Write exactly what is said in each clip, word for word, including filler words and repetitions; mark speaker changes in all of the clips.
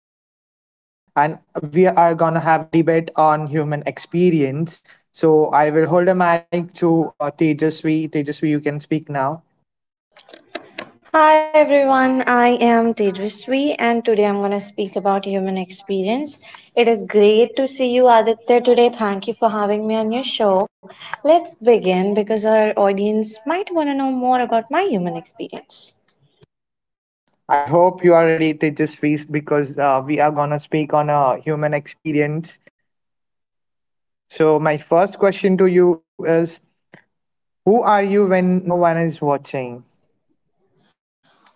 Speaker 1: Tejasvi with us, and we are gonna have a debate on human experience. So I will hold a mic to uh, Tejasvi. Tejasvi, you can speak now.
Speaker 2: Hi everyone, I am Tejasvi and today I'm going to speak about human experience. It is great to see you Aditya today. Thank you for having me on your show. Let's begin because our audience might want to know more about my human experience.
Speaker 1: I hope you are ready, Tejasvi, because uh, we are gonna speak on a human experience. So my first question to you is: Who are you when no one is watching?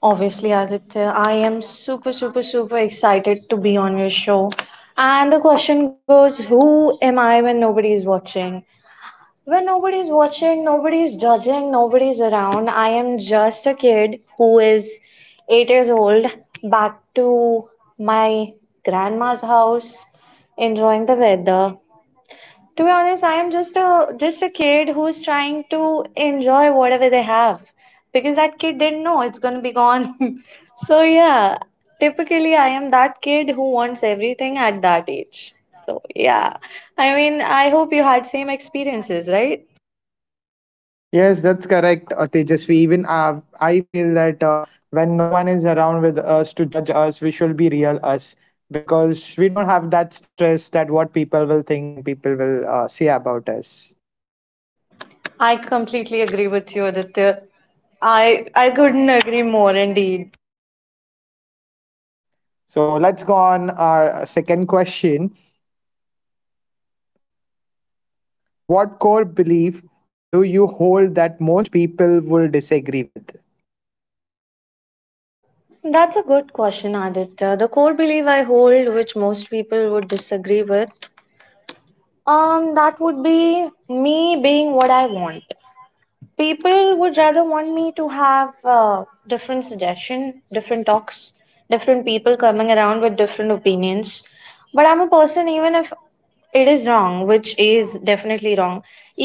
Speaker 2: Obviously Aditya, I am super super super excited to be on your show. And the question goes, who am I when nobody is watching? When nobody's watching, nobody's judging, nobody's around. I am just a kid who is eight years old, back to my grandma's house, enjoying the weather. To be honest, I am just a just a kid who is trying to enjoy whatever they have because that kid didn't know it's gonna be gone. So yeah, typically I am that kid who wants everything at that age. So yeah, I mean I hope you had same experiences, right?
Speaker 1: Yes, that's correct, uh, Tejasvi. Even uh, I feel that uh, when no one is around with us to judge us, we should be real us because we don't have that stress that what people will think and people will uh, say about us.
Speaker 2: I completely agree with you, Aditya. I I couldn't agree more indeed.
Speaker 1: So let's go on our second question. What core belief do you hold that most people will disagree with?
Speaker 2: That's a good question, Aditya. The core belief I hold, which most people would disagree with, um, that would be me being what I want. People would rather want me to have uh, different suggestion, different talks, different people coming around with different opinions, but I'm a person. Even if it is wrong, which is definitely wrong,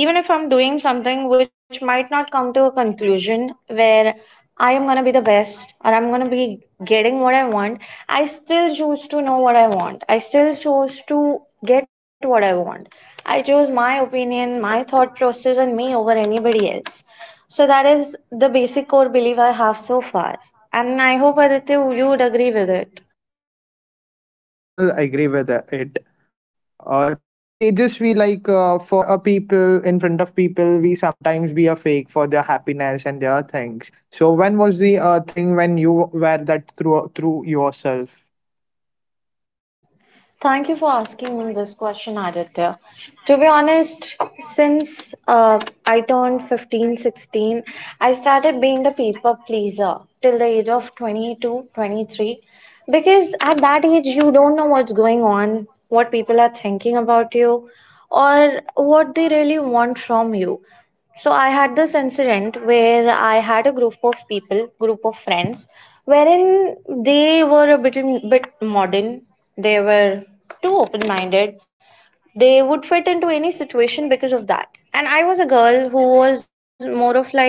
Speaker 2: even if I'm doing something which might not come to a conclusion where I am going to be the best or I'm going to be getting what I want, I still choose to know what I want. I still choose to get what I want. I chose my opinion, my thought process and me over anybody else. So that is the basic core belief I have so far. And I hope Aditya you would agree with it.
Speaker 1: Yeah, sure, I will agree with uh, it. uh, Tejasvi, like uh, for a people in front of people, we sometimes be a fake for their happiness and their things. So when was the uh, thing when you were that through through yourself?
Speaker 2: Thank you for asking me this question, Aditya. To be honest, since uh, I turned fifteen, sixteen, I started being the people pleaser till the age of twenty-two, twenty-three. Because at that age, you don't know what's going on, what people are thinking about you, or what they really want from you. So I had this incident where I had a group of people, group of friends, wherein they were a bit bit modern. They were too open minded. They would fit into any situation because of that. And I was a girl who was more of like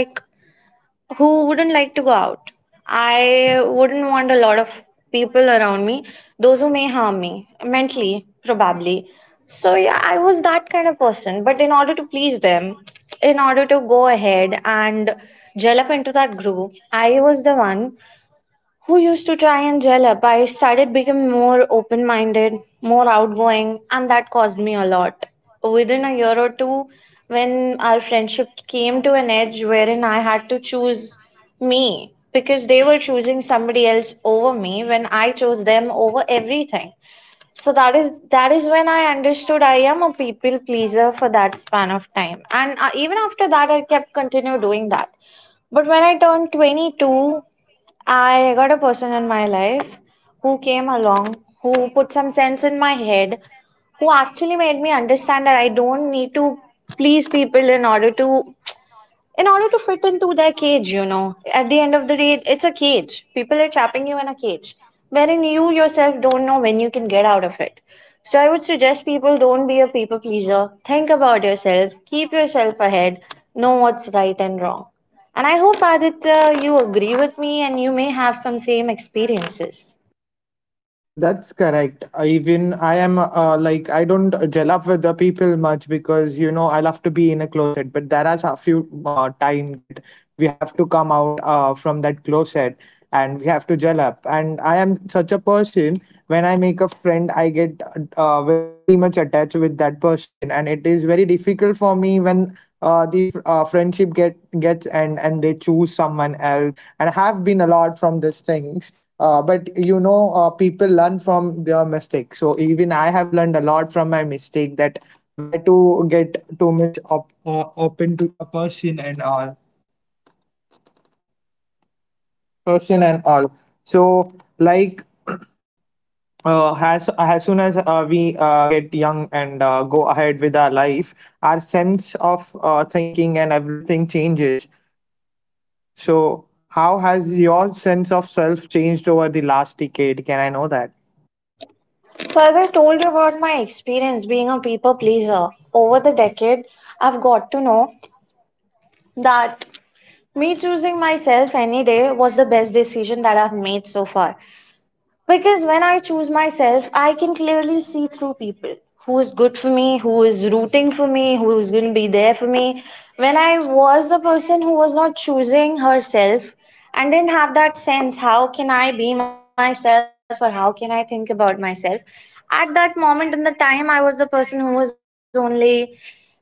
Speaker 2: who wouldn't like to go out. I wouldn't want a lot of people around me, those who may harm me mentally, probably. So, yeah, I was that kind of person. But in order to please them, in order to go ahead and gel up into that group, I was the one who used to try and gel up. I started becoming more open minded, more outgoing, and that caused me a lot. Within a year or two, when our friendship came to an edge wherein I had to choose me because they were choosing somebody else over me when I chose them over everything. So that is that is when I understood I am a people pleaser for that span of time. And uh, even after that, I kept continue doing that. But when I turned twenty-two, I got a person in my life who came along, who put some sense in my head, who actually made me understand that I don't need to please people in order to in order to fit into their cage, you know. At the end of the day, it's a cage. People are trapping you in a cage, wherein you yourself don't know when you can get out of it. So I would suggest people don't be a people pleaser. Think about yourself, keep yourself ahead, know what's right and wrong. And I hope Aditya, you agree with me and you may have some same experiences.
Speaker 1: That's correct. I Even I am uh, like I don't gel up with the people much because you know I love to be in a closet. But there is a few uh, time that we have to come out uh, from that closet and we have to gel up. And I am such a person. When I make a friend, I get uh, very much attached with that person, and it is very difficult for me when uh, the fr- uh, friendship get gets end and they choose someone else. And I have been a lot from these things uh, but you know, uh, people learn from their mistakes. So even I have learned a lot from my mistake that where to get too much op- uh, open to a person and all person and all. So like uh, as as soon as uh, we uh, get young and uh, go ahead with our life, our sense of uh, thinking and everything changes. So how has your sense of self changed over the last decade? Can I know that?
Speaker 2: So, as I told you about my experience being a people pleaser over the decade, I've got to know that me choosing myself any day was the best decision that I've made so far. Because when I choose myself, I can clearly see through people who is good for me, who is rooting for me, who is going to be there for me. When I was the person who was not choosing herself and didn't have that sense, how can I be myself or how can I think about myself? At that moment in the time, I was the person who was only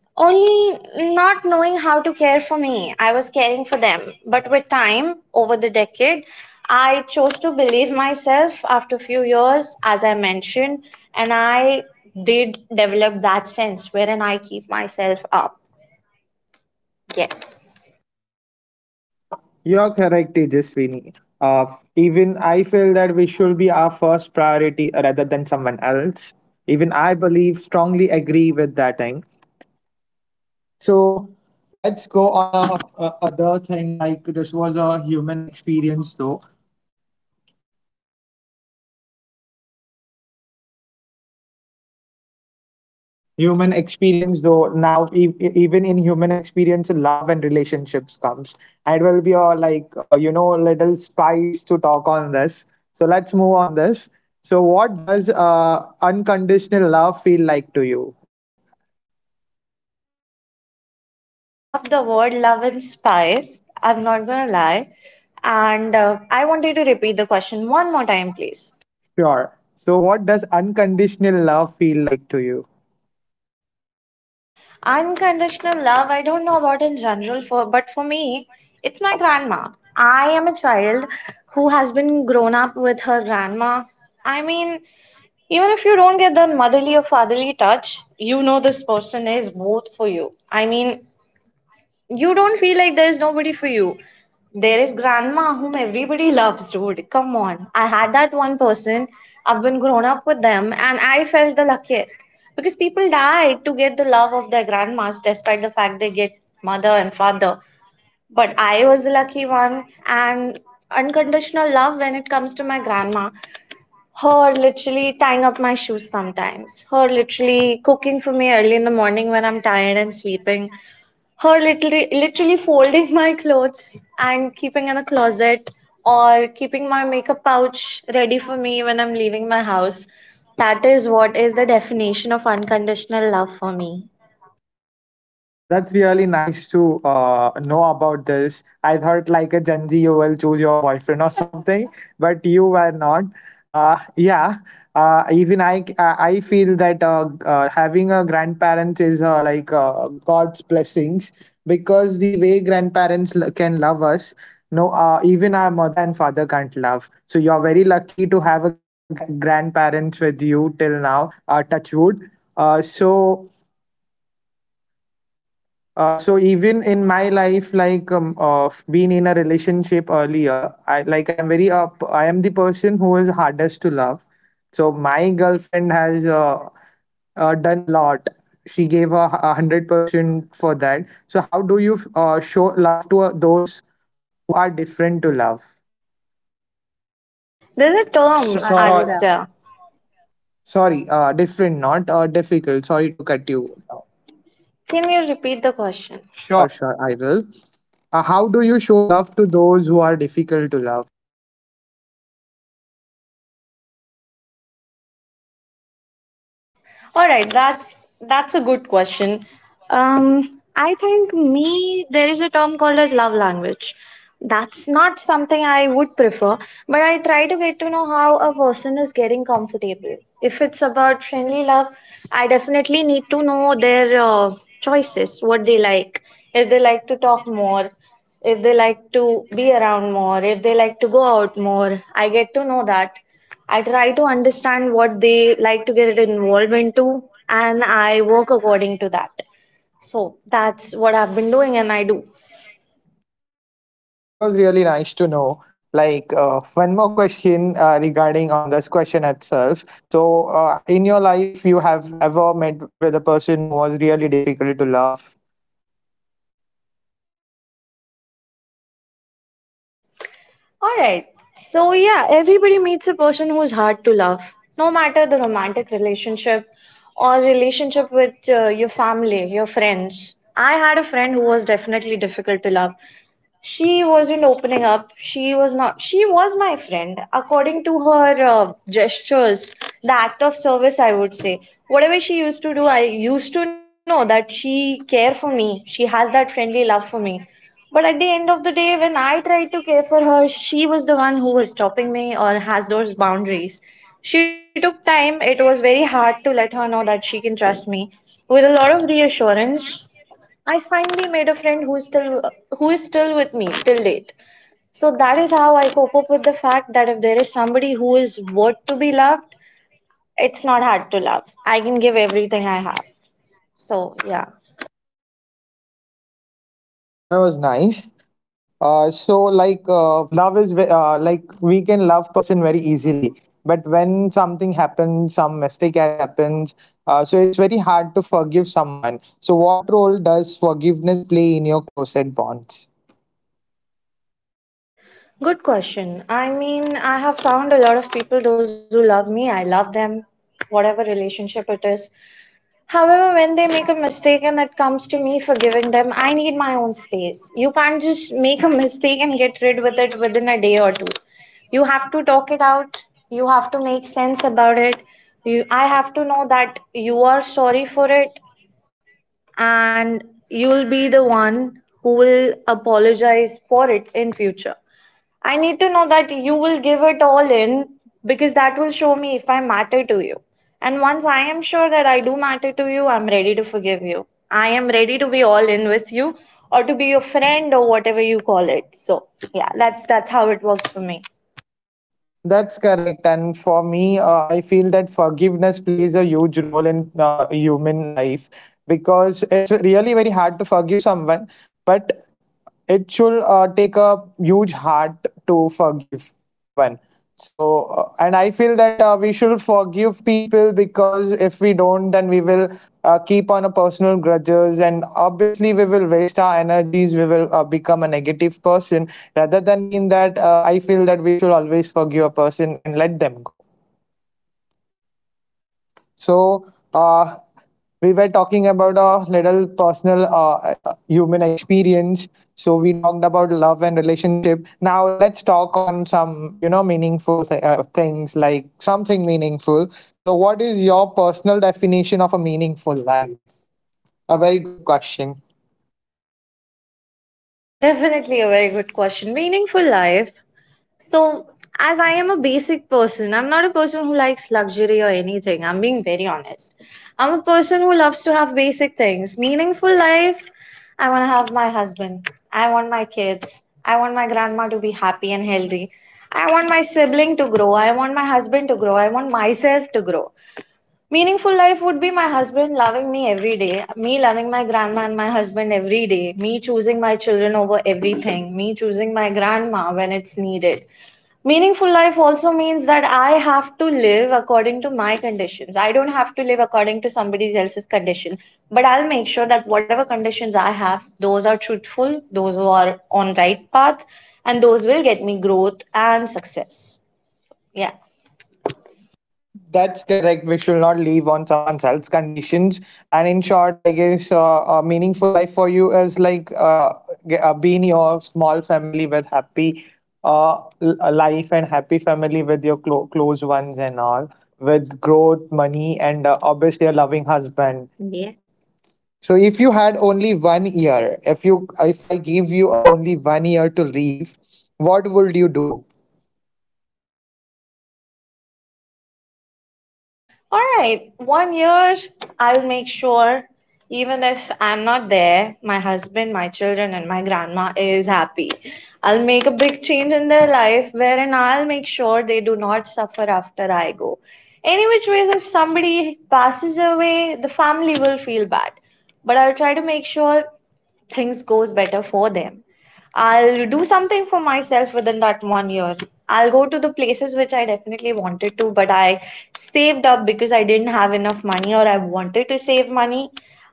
Speaker 2: only not knowing how to care for me. I was caring for them. But with time, over the decade, I chose to believe myself after a few years, as I mentioned, and I did develop that sense wherein I keep myself up. Yes.
Speaker 1: You're correct, Tejaswini. Uh, even I feel that we should be our first priority rather than someone else. Even I believe, strongly agree with that thing. So let's go on a, a other thing. Like this was a human experience, though. Human experience though, now e- e- even in human experience love and relationships comes, and it will be a like, uh, you know, little spice to talk on this. So let's move on this. So what does uh, unconditional love feel like to you?
Speaker 2: I genuinely love the word love and spice. I'm not gonna lie. And uh, I want you to repeat the question one more time, please.
Speaker 1: Sure, so what does unconditional love feel like to you?
Speaker 2: Unconditional love, I don't know about in general, for but for me, it's my grandma. I am a child who has been grown up with her grandma. I mean, even if you don't get that motherly or fatherly touch, you know this person is both for you. I mean, you don't feel like there is nobody for you. There is grandma whom everybody loves, dude. Come on. I had that one person. I've been grown up with them and I felt the luckiest because people died to get the love of their grandmas despite the fact they get mother and father. But I was the lucky one and unconditional love when it comes to my grandma. Her literally tying up my shoes sometimes. Her literally cooking for me early in the morning when I'm tired and sleeping, her literally literally folding my clothes and keeping in a closet, or keeping my makeup pouch ready for me when I'm leaving my house. That is what is the definition of unconditional love for me.
Speaker 1: That's really nice to uh, know about this. I thought like a Gen Z, you will choose your boyfriend or something, but you were not. Uh, yeah, uh, even I, I I feel that uh, uh, having a grandparent is uh, like uh, God's blessings, because the way grandparents l- can love us, no, uh, even our mother and father can't love. So you're very lucky to have a g- grandparents with you till now. Uh, touch wood. Uh, so uh, so even in my life, like um, uh, being in a relationship earlier, I like I'm very up. I am the person who is hardest to love. So my girlfriend has uh, uh, done a lot. She gave a a hundred percent for that. So how do you uh, show love to uh, those who are different to love?
Speaker 2: There's a sure,
Speaker 1: So,
Speaker 2: term,
Speaker 1: Hmm,
Speaker 2: sure,
Speaker 1: so
Speaker 2: Aditya.
Speaker 1: sorry, uh, different, not uh, difficult. Sorry to cut you down.
Speaker 2: Can you repeat the question?
Speaker 1: Sure, sure, I will. Uh, how do you show love to those who are difficult to love?
Speaker 2: All right, that's that's a good question. Um, I think me there is a term called as love language. That's not something I would prefer, but I try to get to know how a person is getting comfortable. If it's about friendly love, I definitely need to know their uh, choices, what they like, if they like to talk more, if they like to be around more, if they like to go out more. I get to know that. I try to understand what they like to get involved into, and I work according to that. So that's what I've been doing, and I do.
Speaker 1: That was really nice to know. Like uh, one more question uh, regarding on this question itself. So, uh, in your life, you have ever met with a person who was really difficult to love?
Speaker 2: All right. So, yeah, everybody meets a person who's hard to love, no matter the romantic relationship or relationship with uh, your family, your friends. I had a friend who was definitely difficult to love. She wasn't opening up. She was not, she was my friend according to her uh, gestures, the act of service I would say. Whatever she used to do, I used to know that she care for me, she has that friendly love for me. But at the end of the day, when I tried to care for her, she was the one who was stopping me or has those boundaries. She took time. It was very hard to let her know that she can trust me. With a lot of reassurance, I finally made a friend who is still, who is still with me till date. So that is how I cope up with the fact that if there is somebody who is worth to be loved, it's not hard to love. I can give everything I have. So yeah.
Speaker 1: That was nice. Uh, so, like uh, love is ve- uh, like we can love person very easily, but when something happens, some mistake has happened, uh, so it's very hard to forgive someone. So, what role does forgiveness play in your closet bonds?
Speaker 2: Good question. I mean, I have found a lot of people, those who love me, I love them, whatever relationship it is. However, when they make a mistake and it comes to me forgiving them, I need my own space. You can't just make a mistake and get rid with it within a day or two. You have to talk it out. You have to make sense about it. You, I have to know that you are sorry for it and you'll be the one who will apologize for it in future. I need to know that you will give it all in because that will show me if I matter to you. And once I am sure that I do matter to you, I'm ready to forgive you. I am ready to be all in with you or to be your friend or whatever you call it. So, yeah, that's that's how it works for me.
Speaker 1: That's correct. And for me, uh, I feel that forgiveness plays a huge role in uh, human life, because it's really very hard to forgive someone. But it should uh, take a huge heart to forgive one. So uh, and I feel that uh, we should forgive people, because if we don't, then we will uh, keep on a personal grudges, and obviously we will waste our energies, we will uh, become a negative person rather than being that. uh, I feel that we should always forgive a person and let them go. So, uh, we were talking about a little personal uh, uh, human experience. So, we talked about love and relationship. Now, let's talk on some, you know, meaningful th- uh, things, like something meaningful. So, what is your personal definition of a meaningful life? A very good question.
Speaker 2: Definitely a very good question. Meaningful life. So, as I am a basic person, I'm not a person who likes luxury or anything. I'm being very honest. I'm a person who loves to have basic things. Meaningful life, I want to have my husband. I want my kids. I want my grandma to be happy and healthy. I want my sibling to grow. I want my husband to grow. I want myself to grow. Meaningful life would be my husband loving me every day, me loving my grandma and my husband every day, me choosing my children over everything, me choosing my grandma when it's needed. Meaningful life also means that I have to live according to my conditions. I don't have to live according to somebody else's condition. But I'll make sure that whatever conditions I have, those are truthful, those who are on right path, and those will get me growth and success. Yeah.
Speaker 1: That's correct. We should not live on someone else's conditions. And in short, I guess uh, a meaningful life for you is like uh, ge- uh, being your small family with happy uh, l- uh, life and happy family with your clo- close ones and all, with growth, money, and uh, obviously a loving husband. So if you had only one year, if you if I give you uh, only one year to live, what would you do?
Speaker 2: All right, one year, I'll make sure, even if I'm not there, my husband, my children, and my grandma is happy. I'll make a big change in their life, wherein I'll make sure they do not suffer after I go. Any which ways, if somebody passes away, the family will feel bad. But I'll try to make sure things goes better for them. I'll do something for myself within that one year. I'll go to the places which I definitely wanted to, but I saved up because I didn't have enough money or I wanted to save money.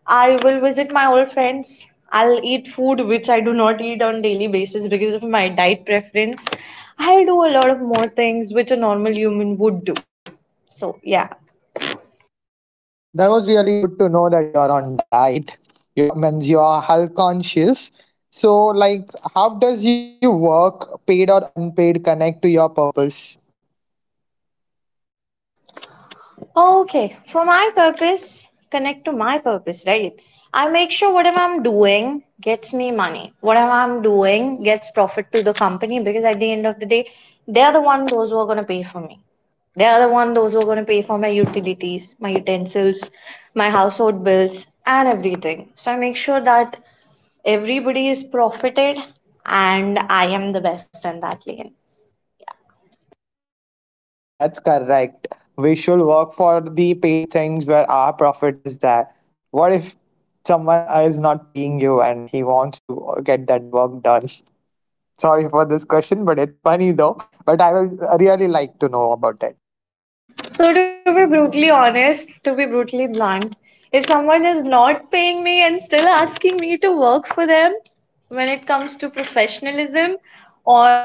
Speaker 2: I will visit my old friends. I'll eat food which I do not eat on daily basis because of my diet preference. I'll do a lot of more things which a normal human would do. So yeah.
Speaker 1: That was really good to know that you're on diet. You're means you're health conscious. So, like, how does your work, paid or unpaid, connect to your purpose?
Speaker 2: Okay, for my purpose, connect to my purpose, right? I make sure whatever I'm doing gets me money. Whatever I'm doing gets profit to the company because at the end of the day, they're the one those who are going to pay for me. They're the one those who are going to pay for my utilities, my utensils, my household bills, and everything. So I make sure that everybody is profited and I am the best in that lane.
Speaker 1: That's correct. We should work for the paid things where our profit is there. What if someone is not paying you and he wants to get that work done? Sorry for this question, but it's funny though. But I will really like to know about it.
Speaker 2: So, to be brutally honest, to be brutally blunt, if someone is not paying me and still asking me to work for them when it comes to professionalism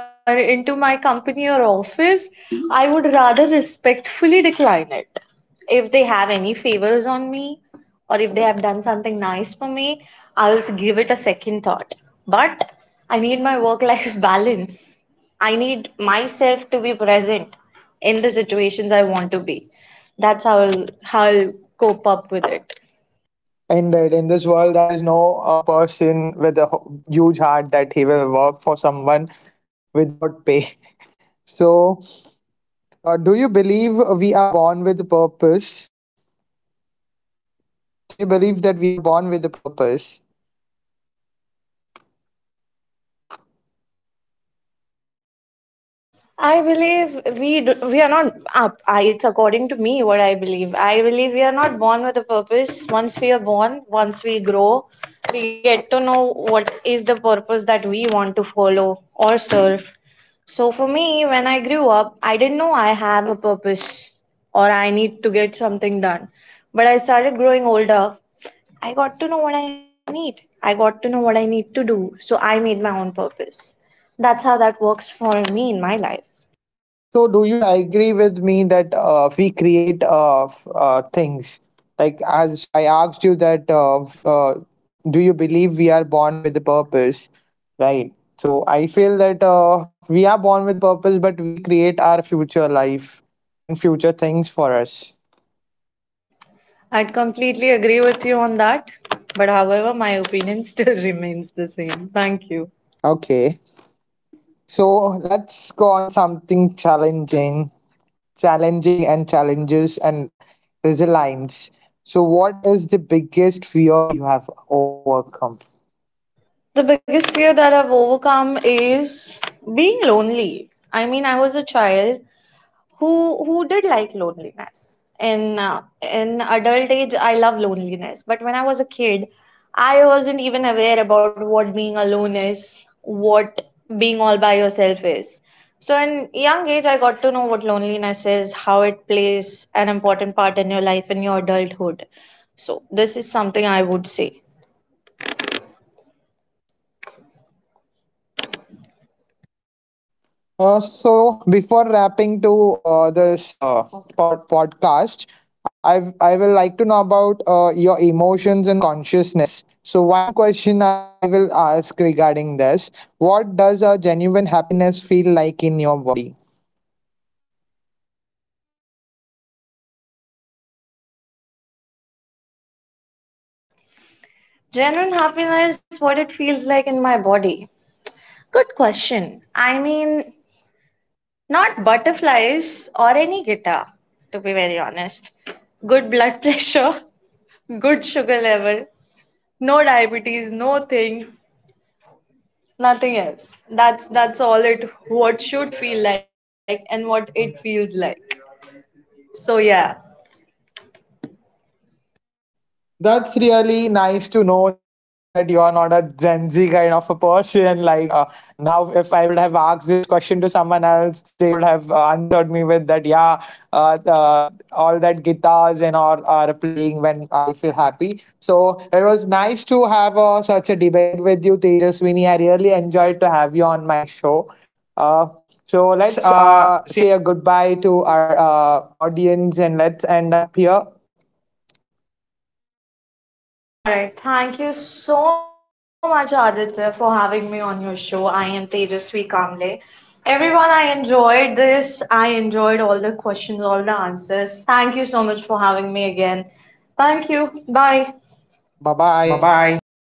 Speaker 2: or into my company or office, I would rather respectfully decline it. If they have any favors on me or if they have done something nice for me, I'll give it a second thought. But I need my work life balance. I need myself to be present in the situations I want to be. That's how I'll, how I'll cope up with it.
Speaker 1: Indeed, in this world, there is no a person with a ho- huge heart that he will work for someone without pay. So, uh, do you believe we are born with purpose? Do you believe that we are born with a purpose?
Speaker 2: I believe we do, we are not up. I, It's according to me what I believe. I believe we are not born with a purpose. Once we are born, once we grow, we get to know what is the purpose that we want to follow or serve. So for me, when I grew up, I didn't know I have a purpose or I need to get something done. But I started growing older. I got to know what I need. I got to know what I need to do. So I made my own purpose. That's how that works for me in my life.
Speaker 1: So, do you agree with me that uh, we create uh, f- uh, things? Like, as I asked you that, uh, f- uh, do you believe we are born with a purpose? Right. So, I feel that uh, we are born with a purpose, but we create our future life and future things for us.
Speaker 2: I'd completely agree with you on that. But however, my opinion still remains the same. Thank you.
Speaker 1: Okay. So, let's go on something challenging, challenging and challenges and resilience. So, what is the biggest fear you have overcome?
Speaker 2: The biggest fear that I've overcome is being lonely. I mean, I was a child who who did like loneliness in uh, in adult age. I love loneliness, but when I was a kid, I wasn't even aware about what being alone is, what being all by yourself is. So in young age, I got to know what loneliness is, how it plays an important part in your life, in your adulthood. So this is something I would say.
Speaker 1: Uh, so before wrapping to uh, this uh, pod- podcast, I I will like to know about uh, your emotions and consciousness. So one question I will ask regarding this: What does a genuine happiness feel like in your body?
Speaker 2: Genuine happiness, what it feels like in my body. Good question. I mean, not butterflies or any guitar, to be very honest. Good blood pressure, good sugar level, no diabetes, no thing, nothing else. That's that's all it what should feel like and what it feels like. So yeah.
Speaker 1: That's really nice to know that you are not a Gen Z kind of a person. Like uh, now, if I would have asked this question to someone else, they would have answered me with that, yeah, uh, uh, all that guitars and all are playing when I feel happy. So it was nice to have uh, such a debate with you, Tejaswini. I really enjoyed to have you on my show. Uh, so
Speaker 2: So
Speaker 1: let's
Speaker 2: let's
Speaker 1: uh,
Speaker 2: uh,
Speaker 1: say a goodbye to our uh, audience and let's end up here.
Speaker 2: all right. Thank you so much, Aditya, for having me on your show. I am Tejasvi Kamle. Everyone, I enjoyed this. I enjoyed all the questions, all the answers. Thank you so much for having me again. Thank you. Bye.
Speaker 1: Bye bye.
Speaker 2: Bye bye.